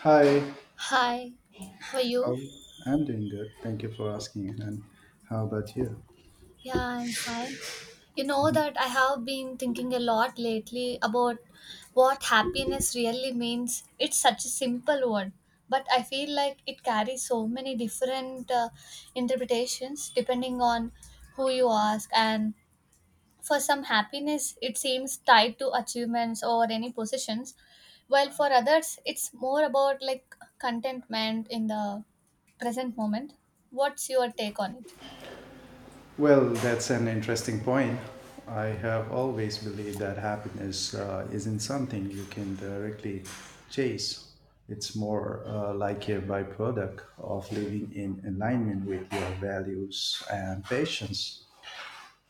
Hi, Hi, how are you? how I'm doing good. Thank you for asking. And how about you? Yeah, I'm fine. You know that I have been thinking a lot lately about what happiness really means. It's such a simple word, but I feel like it carries so many different interpretations depending on who you ask. And for some, happiness it seems tied to achievements or any positions, while for others, it's more about like contentment in the present moment. What's your take on it? Well, that's an interesting point. I have always believed that happiness isn't something you can directly chase. It's more like a byproduct of living in alignment with your values and passions.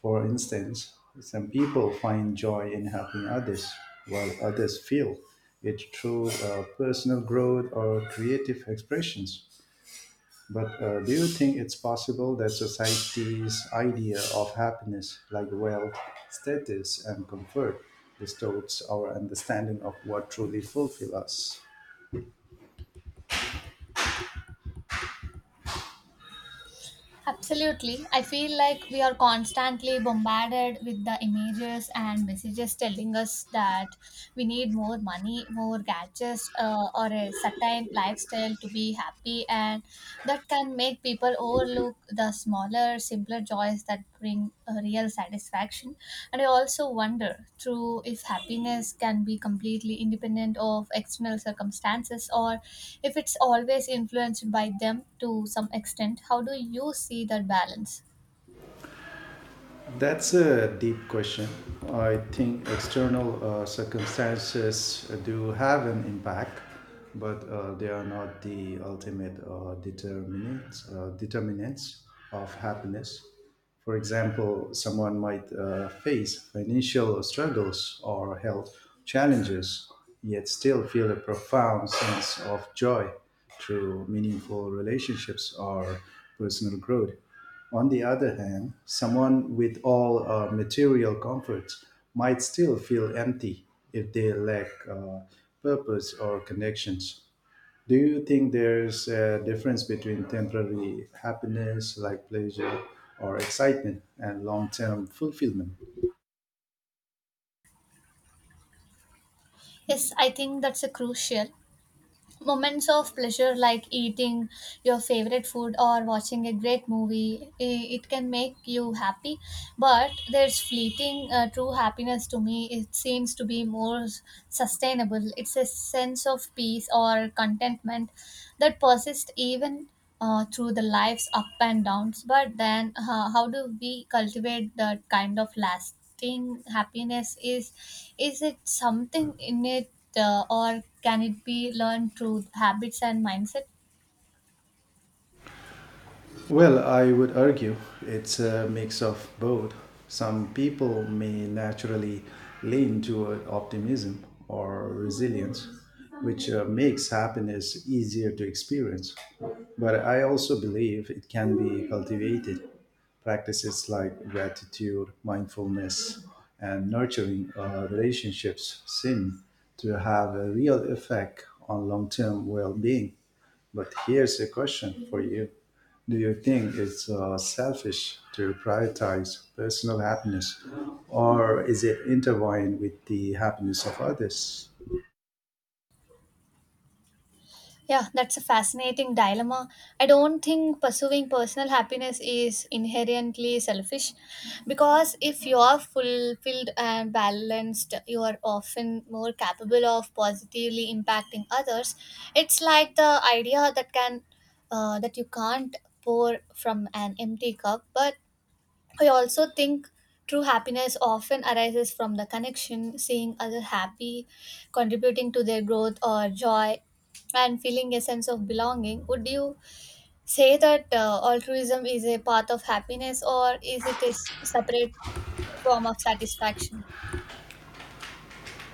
For instance, some people find joy in helping others, while others feel it through personal growth or creative expressions. But do you think it's possible that society's idea of happiness, like wealth, status, and comfort, distorts our understanding of what truly fulfills us? Absolutely. I feel like we are constantly bombarded with the images and messages telling us that we need more money, more gadgets, or a certain lifestyle to be happy. And that can make people overlook the smaller, simpler joys that bring a real satisfaction. And I also wonder through if happiness can be completely independent of external circumstances, or if it's always influenced by them to some extent. How do you see that balance? That's a deep question. I think external circumstances do have an impact, but they are not the ultimate determinants of happiness. For example, someone might face financial struggles or health challenges, yet still feel a profound sense of joy through meaningful relationships or personal growth. On the other hand, someone with all material comforts might still feel empty if they lack purpose or connections. Do you think there's a difference between temporary happiness like pleasure or excitement and long term fulfillment? Yes, I think that's a crucial moments of pleasure like eating your favorite food or watching a great movie. It can make you happy, but there's fleeting true happiness. To me, it seems to be more sustainable. It's a sense of peace or contentment that persists even through the life's up and downs. But then how do we cultivate that kind of last thing happiness? Is it something in it, or can it be learned through habits and mindset? Well, I would argue it's a mix of both. Some people may naturally lean toward optimism or resilience, which makes happiness easier to experience. But I also believe it can be cultivated. Practices like gratitude, mindfulness, and nurturing relationships seem to have a real effect on long term well being. But here's a question for you: do you think it's selfish to prioritize personal happiness, or is it intertwined with the happiness of others? Yeah, that's a fascinating dilemma. I don't think pursuing personal happiness is inherently selfish, because if you are fulfilled and balanced, you are often more capable of positively impacting others. It's like the idea that you can't pour from an empty cup, but I also think true happiness often arises from the connection, seeing others happy, contributing to their growth or joy, and feeling a sense of belonging. Would you say that altruism is a path of happiness, or is it a separate form of satisfaction?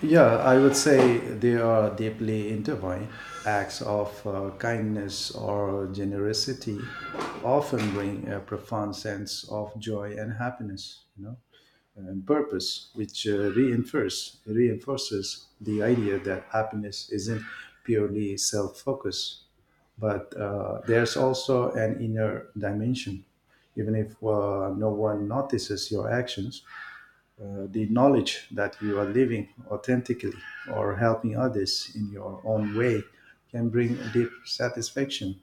Yeah, I would say they are deeply intertwined. Acts of kindness or generosity often bring a profound sense of joy and happiness, you know, and purpose, which reinforces the idea that happiness isn't purely self-focused but there's also an inner dimension. Even if no one notices your actions, the knowledge that you are living authentically or helping others in your own way can bring deep satisfaction.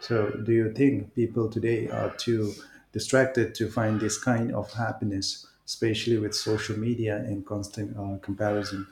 So, do you think people today are too distracted to find this kind of happiness, especially with social media and constant comparison?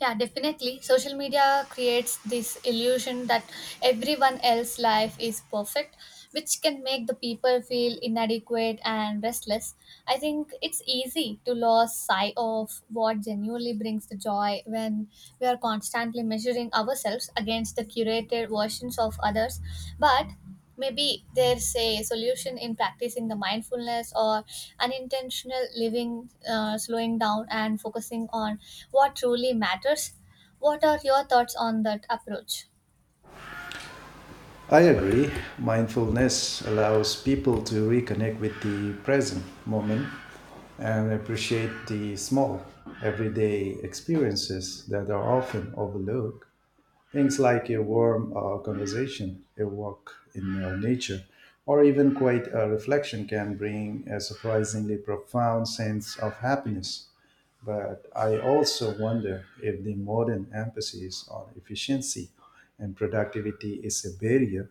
Yeah, definitely. Social media creates this illusion that everyone else's life is perfect, which can make the people feel inadequate and restless. I think it's easy to lose sight of what genuinely brings the joy when we are constantly measuring ourselves against the curated versions of others. But maybe there's a solution in practicing the mindfulness or unintentional living, slowing down and focusing on what truly matters. What are your thoughts on that approach? I agree. Mindfulness allows people to reconnect with the present moment and appreciate the small everyday experiences that are often overlooked. Things like a warm conversation, a walk in nature, or even quite a reflection can bring a surprisingly profound sense of happiness. But I also wonder if the modern emphasis on efficiency and productivity is a barrier,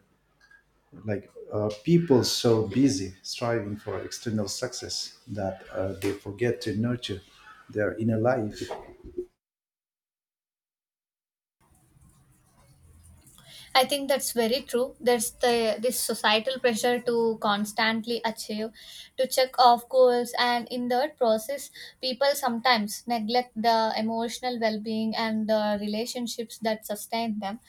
like people so busy striving for external success that they forget to nurture their inner life. I think that's very true. There's the this societal pressure to constantly achieve, to check off goals, and in that process, people sometimes neglect the emotional well-being and the relationships that sustain them.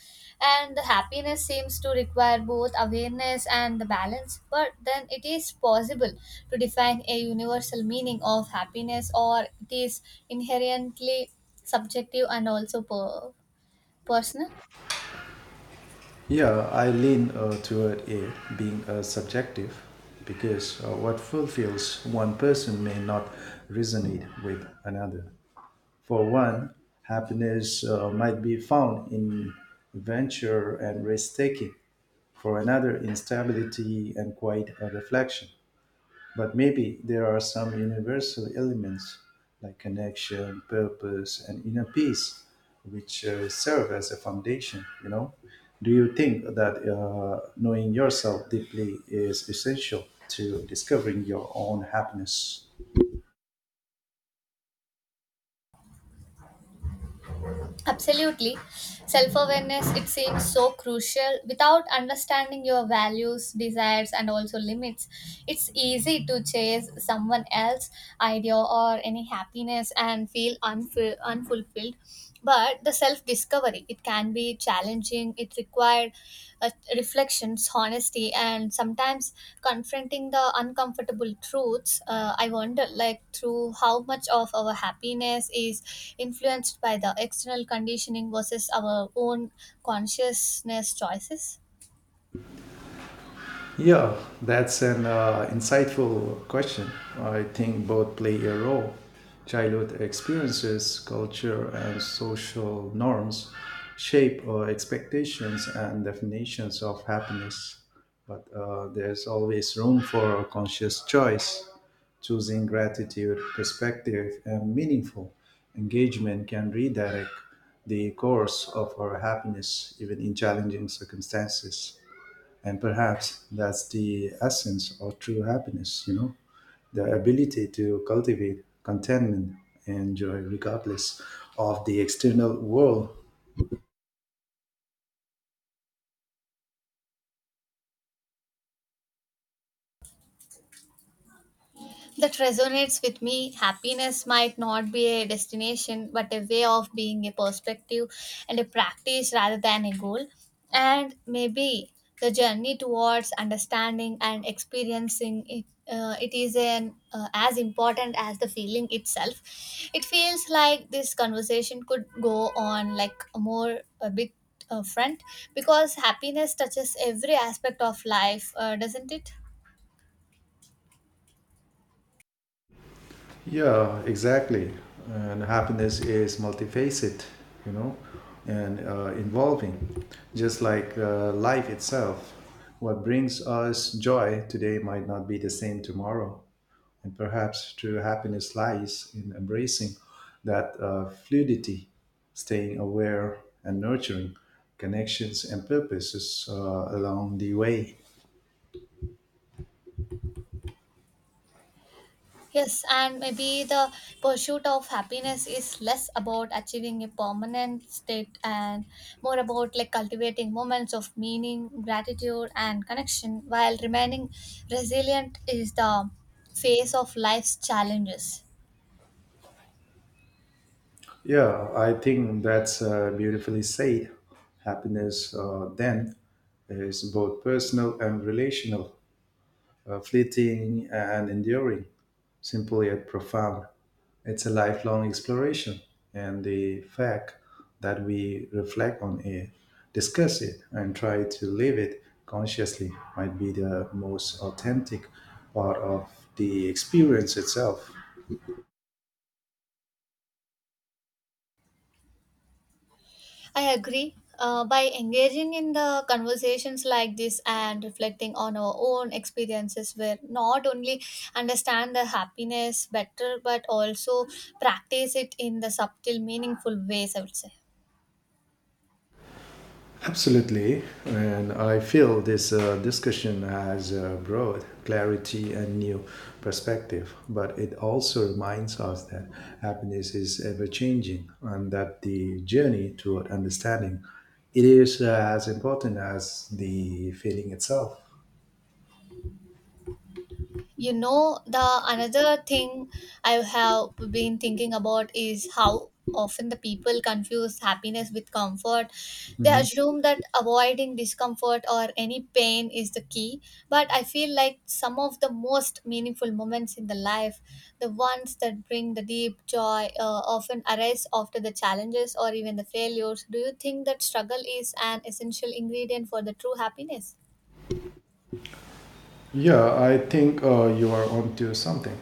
And the happiness seems to require both awareness and the balance. But then it is possible to define a universal meaning of happiness, or it is inherently subjective and also personal. Yeah, I lean toward it being subjective because what fulfills one person may not resonate with another. For one, happiness might be found in adventure and risk taking. For another, in stability and quiet reflection. But maybe there are some universal elements like connection, purpose, and inner peace, which serve as a foundation. You know, do you think that knowing yourself deeply is essential to discovering your own happiness? Absolutely. Self awareness, it seems so crucial. Without understanding your values, desires, and also limits, it's easy to chase someone else's idea or any happiness and feel unfulfilled. But the self discovery, it can be challenging. It required uh, reflections, honesty, and sometimes confronting the uncomfortable truths. I wonder, like, through how much of our happiness is influenced by the external conditioning versus our own consciousness choices. Yeah, that's an insightful question. I think both play a role. Childhood experiences, culture, and social norms shape our expectations and definitions of happiness. But there's always room for conscious choice. Choosing gratitude, perspective, and meaningful engagement can redirect the course of our happiness, even in challenging circumstances. And perhaps that's the essence of true happiness, you know, the ability to cultivate contentment and joy regardless of the external world. That resonates with me. Happiness might not be a destination, but a way of being, a perspective and a practice rather than a goal. And maybe the journey towards understanding and experiencing it, it is as important as the feeling itself. It feels like this conversation could go on like a more a bit front, because happiness touches every aspect of life, doesn't it? Yeah, exactly. And happiness is multifaceted, you know, and involving, just like life itself. What brings us joy today might not be the same tomorrow. And perhaps true happiness lies in embracing that fluidity, staying aware and nurturing connections and purposes along the way. Yes, and maybe the pursuit of happiness is less about achieving a permanent state and more about like cultivating moments of meaning, gratitude, and connection, while remaining resilient is the face of life's challenges. Yeah, I think that's beautifully said. Happiness then is both personal and relational, fleeting and enduring, simple yet profound. It's a lifelong exploration, and the fact that we reflect on it, discuss it, and try to live it consciously might be the most authentic part of the experience itself. I agree. By engaging in the conversations like this and reflecting on our own experiences, we not only understand the happiness better, but also practice it in the subtle, meaningful ways, I would say. Absolutely, and I feel this discussion has brought clarity and new perspective, but it also reminds us that happiness is ever changing and that the journey toward understanding it is as important as the feeling itself. You know, the another thing I have been thinking about is how often the people confuse happiness with comfort. They assume that avoiding discomfort or any pain is the key, but I feel like some of the most meaningful moments in the life, the ones that bring the deep joy, often arise after the challenges or even the failures. Do you think that struggle is an essential ingredient for the true happiness? Yeah, I think you are onto something.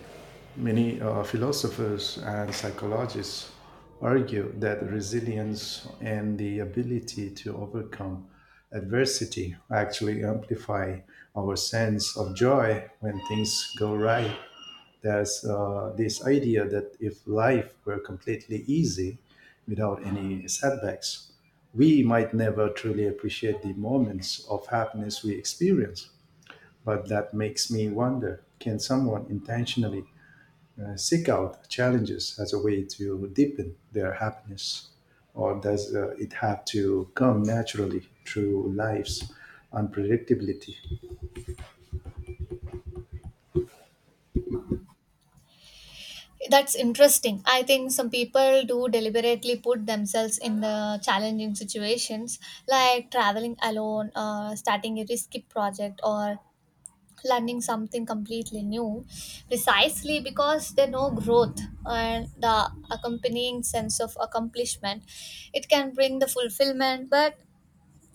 Many philosophers and psychologists argue that resilience and the ability to overcome adversity actually amplify our sense of joy when things go right. There's this idea that if life were completely easy without any setbacks, we might never truly appreciate the moments of happiness we experience. But that makes me wonder, can someone intentionally seek out challenges as a way to deepen their happiness? Or does it have to come naturally through life's unpredictability? That's interesting. I think some people do deliberately put themselves in the challenging situations like traveling alone, starting a risky project, or learning something completely new, precisely because they know growth and the accompanying sense of accomplishment. It can bring the fulfillment, but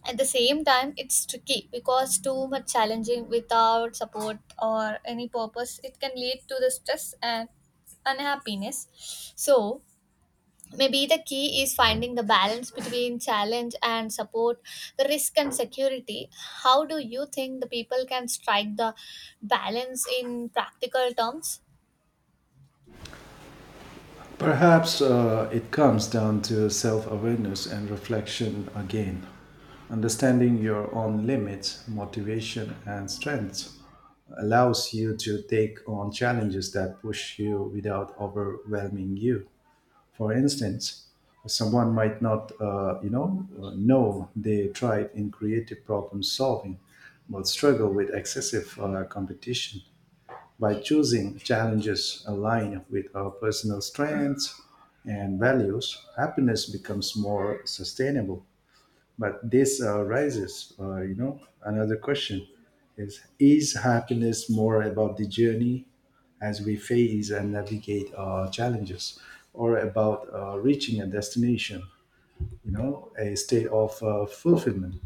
at the same time, it's tricky because too much challenging without support or any purpose, it can lead to the stress and unhappiness. So, maybe the key is finding the balance between challenge and support, the risk and security. How do you think the people can strike the balance in practical terms? Perhaps it comes down to self awareness and reflection again. Understanding your own limits, motivation, and strengths allows you to take on challenges that push you without overwhelming you. For instance, someone might not, you know they thrive in creative problem solving, but struggle with excessive competition. By choosing challenges aligned with our personal strengths and values, happiness becomes more sustainable. But this raises you know, another question: is happiness more about the journey as we face and navigate challenges, or about reaching a destination? You know, a state of fulfillment.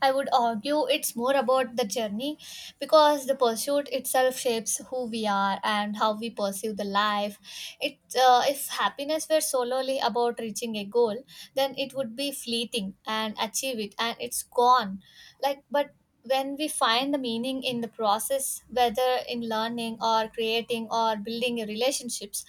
I would argue it's more about the journey, because the pursuit itself shapes who we are and how we perceive the life. It if happiness were solely about reaching a goal, then it would be fleeting and achieve it and it's gone. Like, but when we find the meaning in the process, whether in learning or creating or building relationships,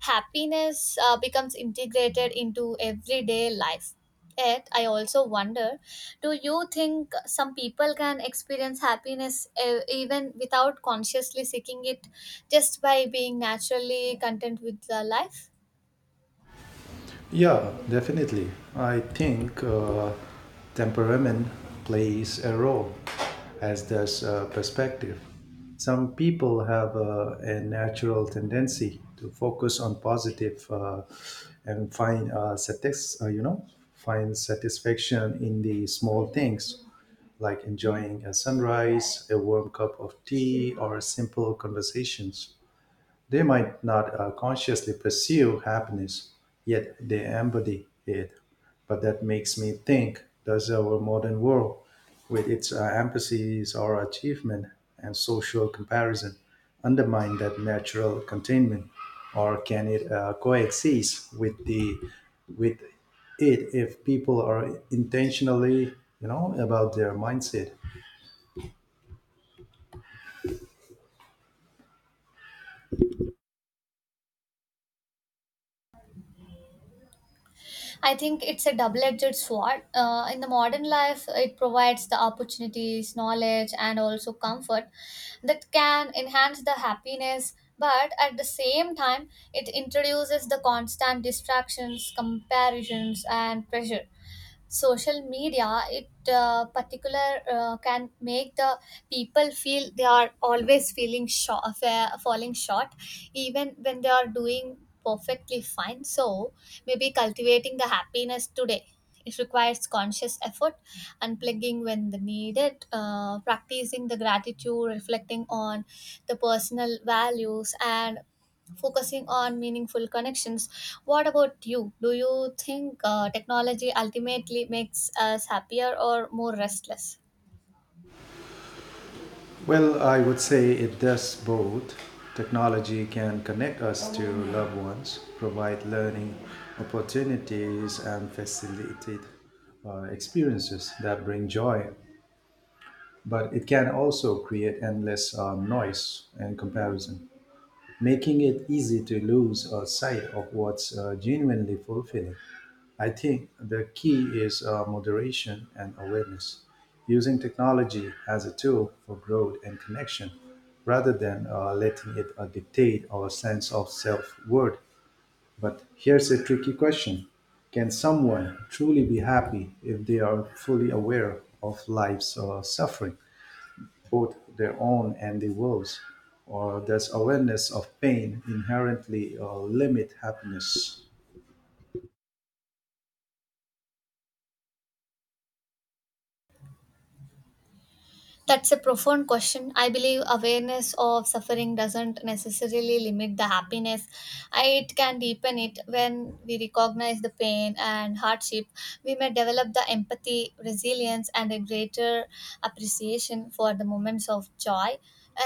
happiness becomes integrated into everyday life. Yet, I also wonder, do you think some people can experience happiness even without consciously seeking it, just by being naturally content with their life? Yeah, definitely. I think temperament plays a role, as does perspective. Some people have a natural tendency to focus on positive and find you know, find satisfaction in the small things like enjoying a sunrise, a warm cup of tea, or simple conversations. They might not consciously pursue happiness, yet they embody it. But that makes me think, does our modern world, with its emphasis on achievement and social comparison, undermine that natural containment, or can it coexist with the with it if people are intentionally, you know, about their mindset? I think it's a double edged sword. In the modern life, it provides the opportunities, knowledge, and also comfort that can enhance the happiness. But at the same time, it introduces the constant distractions, comparisons, and pressure. Social media, it particular can make the people feel they are always feeling short falling short, even when they are doing perfectly fine. So maybe cultivating the happiness today, it requires conscious effort, unplugging when the needed, practicing the gratitude, reflecting on the personal values, and focusing on meaningful connections. What about you? Do you think technology ultimately makes us happier or more restless? Well, I would say it does both. Technology can connect us to loved ones, provide learning opportunities, and facilitate experiences that bring joy. But it can also create endless noise and comparison, making it easy to lose sight of what's genuinely fulfilling. I think the key is moderation and awareness, using technology as a tool for growth and connection rather than letting it dictate our sense of self worth. But here's a tricky question: can someone truly be happy if they are fully aware of life's suffering, both their own and the world's? Or does awareness of pain inherently limit happiness? That's a profound question. I believe awareness of suffering doesn't necessarily limit the happiness. It can deepen it when we recognize the pain and hardship. We may develop the empathy, resilience, and a greater appreciation for the moments of joy.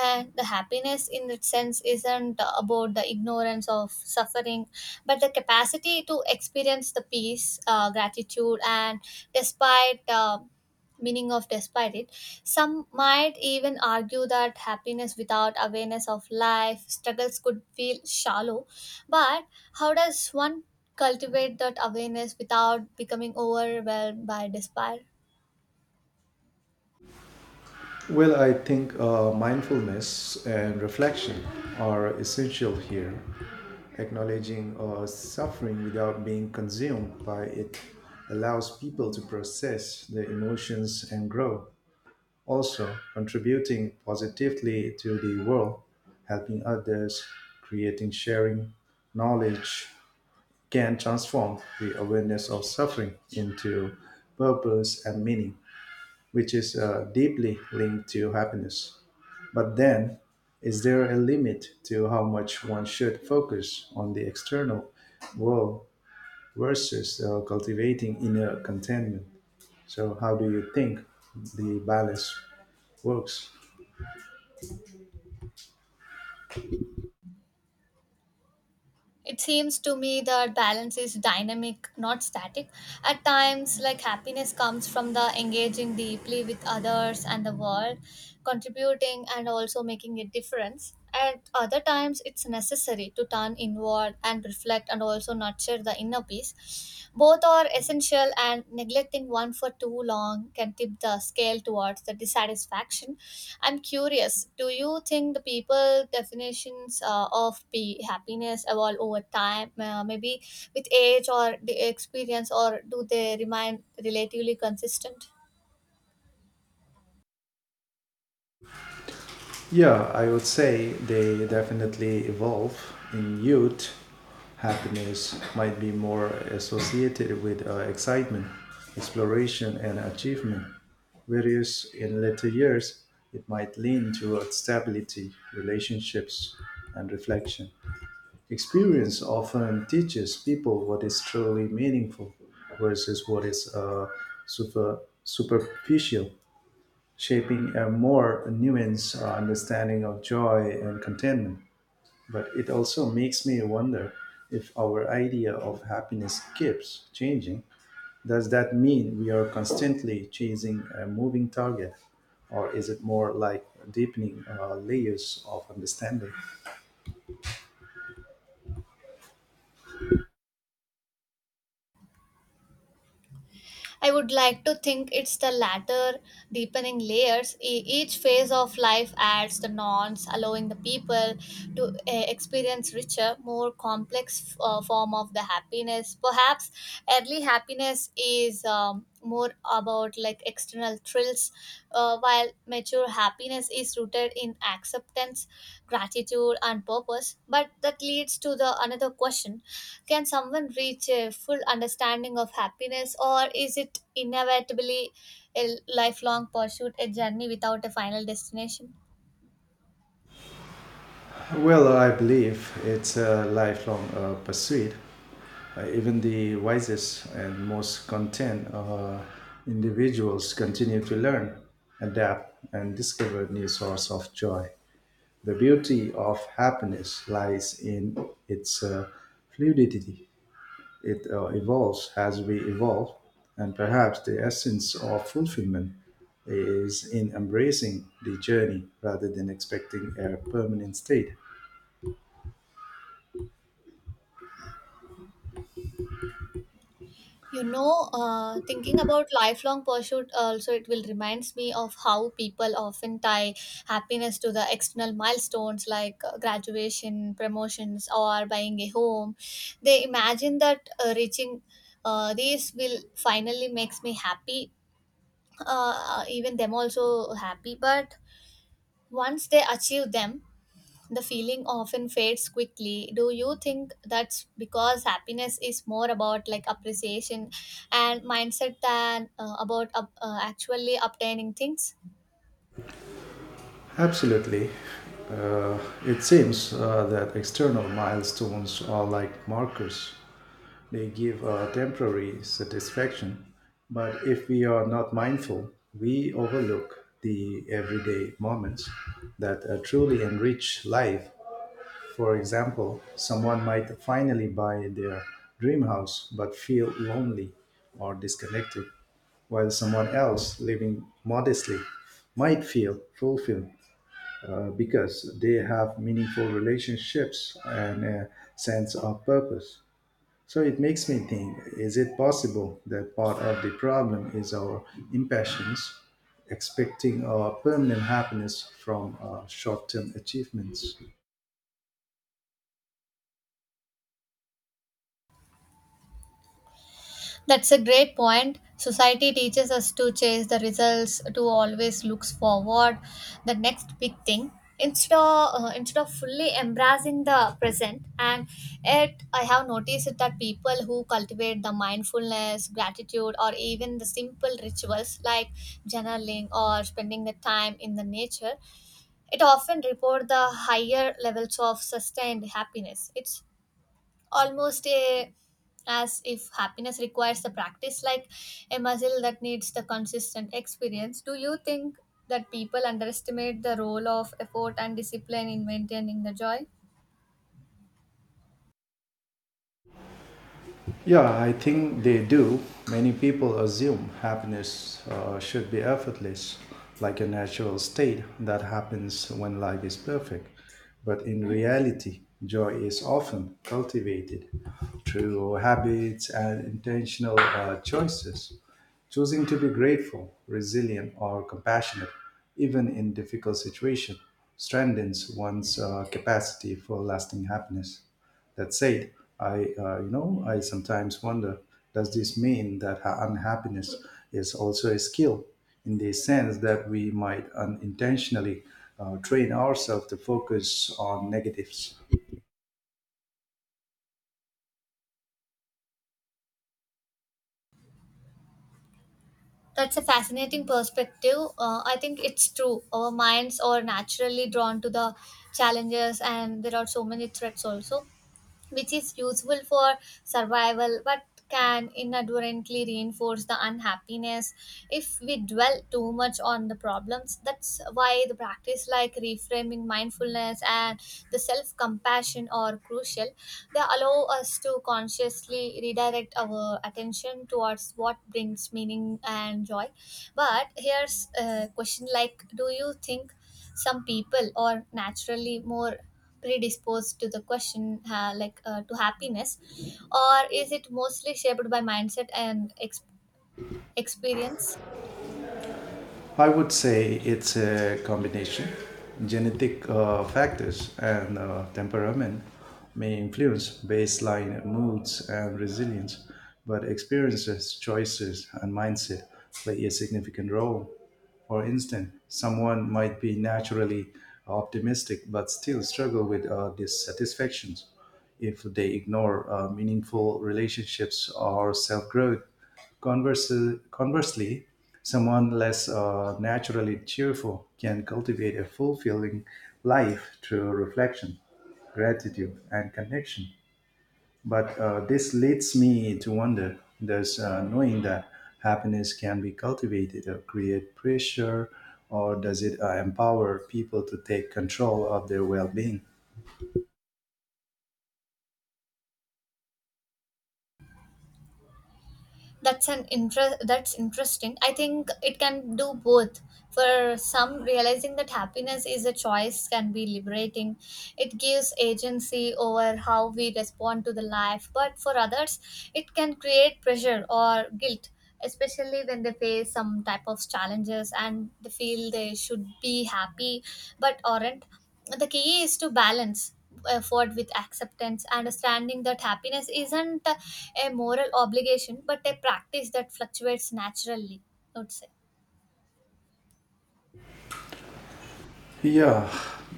And the happiness, in that sense, isn't about the ignorance of suffering, but the capacity to experience the peace, gratitude, and despite. Meaning of despite it, some might even argue that happiness without awareness of life struggles could feel shallow. But how does one cultivate that awareness without becoming overwhelmed by despair? Well, I think mindfulness and reflection are essential here. Acknowledging suffering without being consumed by it allows people to process their emotions and grow. Also, contributing positively to the world, helping others, creating sharing knowledge, can transform the awareness of suffering into purpose and meaning, which is deeply linked to happiness. But then, is there a limit to how much one should focus on the external world versus cultivating inner contentment? So, how do you think the balance works? It seems to me that balance is dynamic, not static. At times, like happiness comes from the engaging deeply with others and the world, contributing and also making a difference. At other times, it's necessary to turn inward and reflect and also nurture the inner peace. Both are essential, and neglecting one for too long can tip the scale towards the dissatisfaction. I'm curious, do you think the people definitions of be happiness evolve over time, maybe with age or the experience, or do they remain relatively consistent? Yeah, I would say they definitely evolve. In youth, happiness might be more associated with excitement, exploration, and achievement, whereas in later years, it might lean towards stability, relationships, and reflection. Experience often teaches people what is truly meaningful versus what is superficial, shaping a more nuanced understanding of joy and contentment. But it also makes me wonder if our idea of happiness keeps changing. Does that mean we are constantly chasing a moving target, or is it more like deepening layers of understanding? I would like to think it's the latter, deepening layers. Each phase of life adds the nonce, allowing the people to experience richer, more complex form of the happiness. Perhaps early happiness is more about like external thrills, while mature happiness is rooted in acceptance, gratitude, and purpose. But that leads to the another question, can someone reach a full understanding of happiness, or is it inevitably a lifelong pursuit, a journey without a final destination? Well, I believe it's a lifelong pursuit. Even the wisest and most content individuals continue to learn, adapt, and discover new sources of joy. The beauty of happiness lies in its fluidity. It evolves as we evolve, and perhaps the essence of fulfillment is in embracing the journey rather than expecting a permanent state. You know, thinking about lifelong pursuit also, it will reminds me of how people often tie happiness to the external milestones like graduation, promotions, or buying a home. They imagine that reaching these will finally makes me happy, even them also happy. But once they achieve them, the feeling often fades quickly. Do you think that's because happiness is more about like appreciation and mindset than about actually obtaining things? Absolutely. Uh, it seems that external milestones are like markers. They give a temporary satisfaction, but if we are not mindful, we overlook the everyday moments that truly enrich life. For example, someone might finally buy their dream house but feel lonely or disconnected, while someone else living modestly might feel fulfilled because they have meaningful relationships and a sense of purpose. So it makes me think, is it possible that part of the problem is our impatience, expecting our permanent happiness from our short term achievements? That's a great point. Society teaches us to chase the results, to always looks forward, the next big thing. Instead of fully embracing the present, and yet I have noticed that people who cultivate the mindfulness, gratitude, or even the simple rituals like journaling or spending the time in the nature, it often report the higher levels of sustained happiness. It's almost a as if happiness requires the practice, like a muscle that needs the consistent experience. Do you think that people underestimate the role of effort and discipline in maintaining the joy? Yeah, I think they do. Many people assume happiness should be effortless, like a natural state that happens when life is perfect. But in reality, joy is often cultivated through habits and intentional choices. Choosing to be grateful, resilient, or compassionate, even in difficult situations, strengthens one's capacity for lasting happiness. That said, I you know, I sometimes wonder, does this mean that unhappiness is also a skill, in the sense that we might unintentionally train ourselves to focus on negatives? That's a fascinating perspective I think it's true our minds are naturally drawn to the challenges and there are so many threats also which is useful for survival but can inadvertently reinforce the unhappiness if we dwell too much on the problems that's why the practice like reframing mindfulness and the self compassion are crucial they allow us to consciously redirect our attention towards what brings meaning and joy but here's a question like do you think some people are naturally more predisposed to the question like to happiness or is it mostly shaped by mindset and ex- experience I would say it's a combination. Genetic factors and temperament may influence baseline moods and resilience, but experiences, choices, and mindset play a significant role. For instance, someone might be naturally optimistic but still struggle with dissatisfaction if they ignore meaningful relationships or self growth. Conversely, someone less naturally cheerful can cultivate a fulfilling life through reflection, gratitude, and connection. But this leads me to wonder, does knowing that happiness can be cultivated or create pressure, or does it empower people to take control of their well being? That's interesting. I think it can do both. For some, realizing that happiness is a choice can be liberating. It gives agency over how we respond to the life. But for others, it can create pressure or guilt, especially when they face some type of challenges and they feel they should be happy but aren't. The key is to balance effort with acceptance, understanding that happiness isn't a moral obligation but a practice that fluctuates naturally, I would say. Yeah,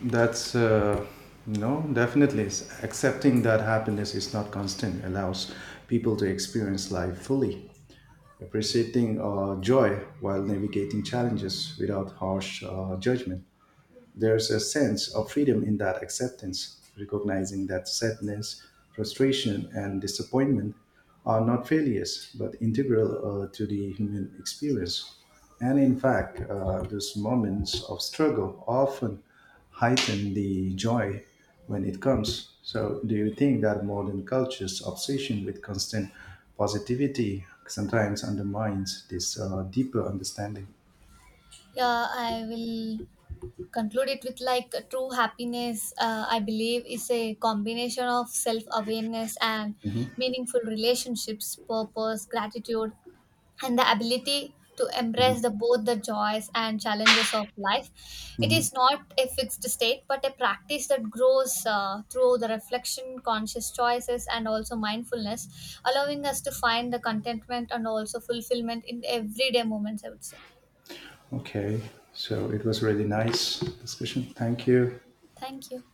that's no, definitely. Accepting that happiness is not constant allows people to experience life fully, appreciating joy while navigating challenges without harsh judgment. There's a sense of freedom in that acceptance, recognizing that sadness, frustration, and disappointment are not failures but integral to the human experience. And in fact, those moments of struggle often heighten the joy when it comes. So, do you think that modern culture's obsession with constant positivity sometimes undermines this deeper understanding? Yeah, I will conclude it with, like, true happiness, I believe, is a combination of self awareness and Mhm. meaningful relationships, purpose, gratitude, and the ability to embrace the both the joys and challenges of life. It Mhm. is not a fixed state but a practice that grows through the reflection, conscious choices, and also mindfulness, allowing us to find the contentment and also fulfillment in everyday moments, I would say. Okay, so it was really nice discussion. Thank you. Thank you.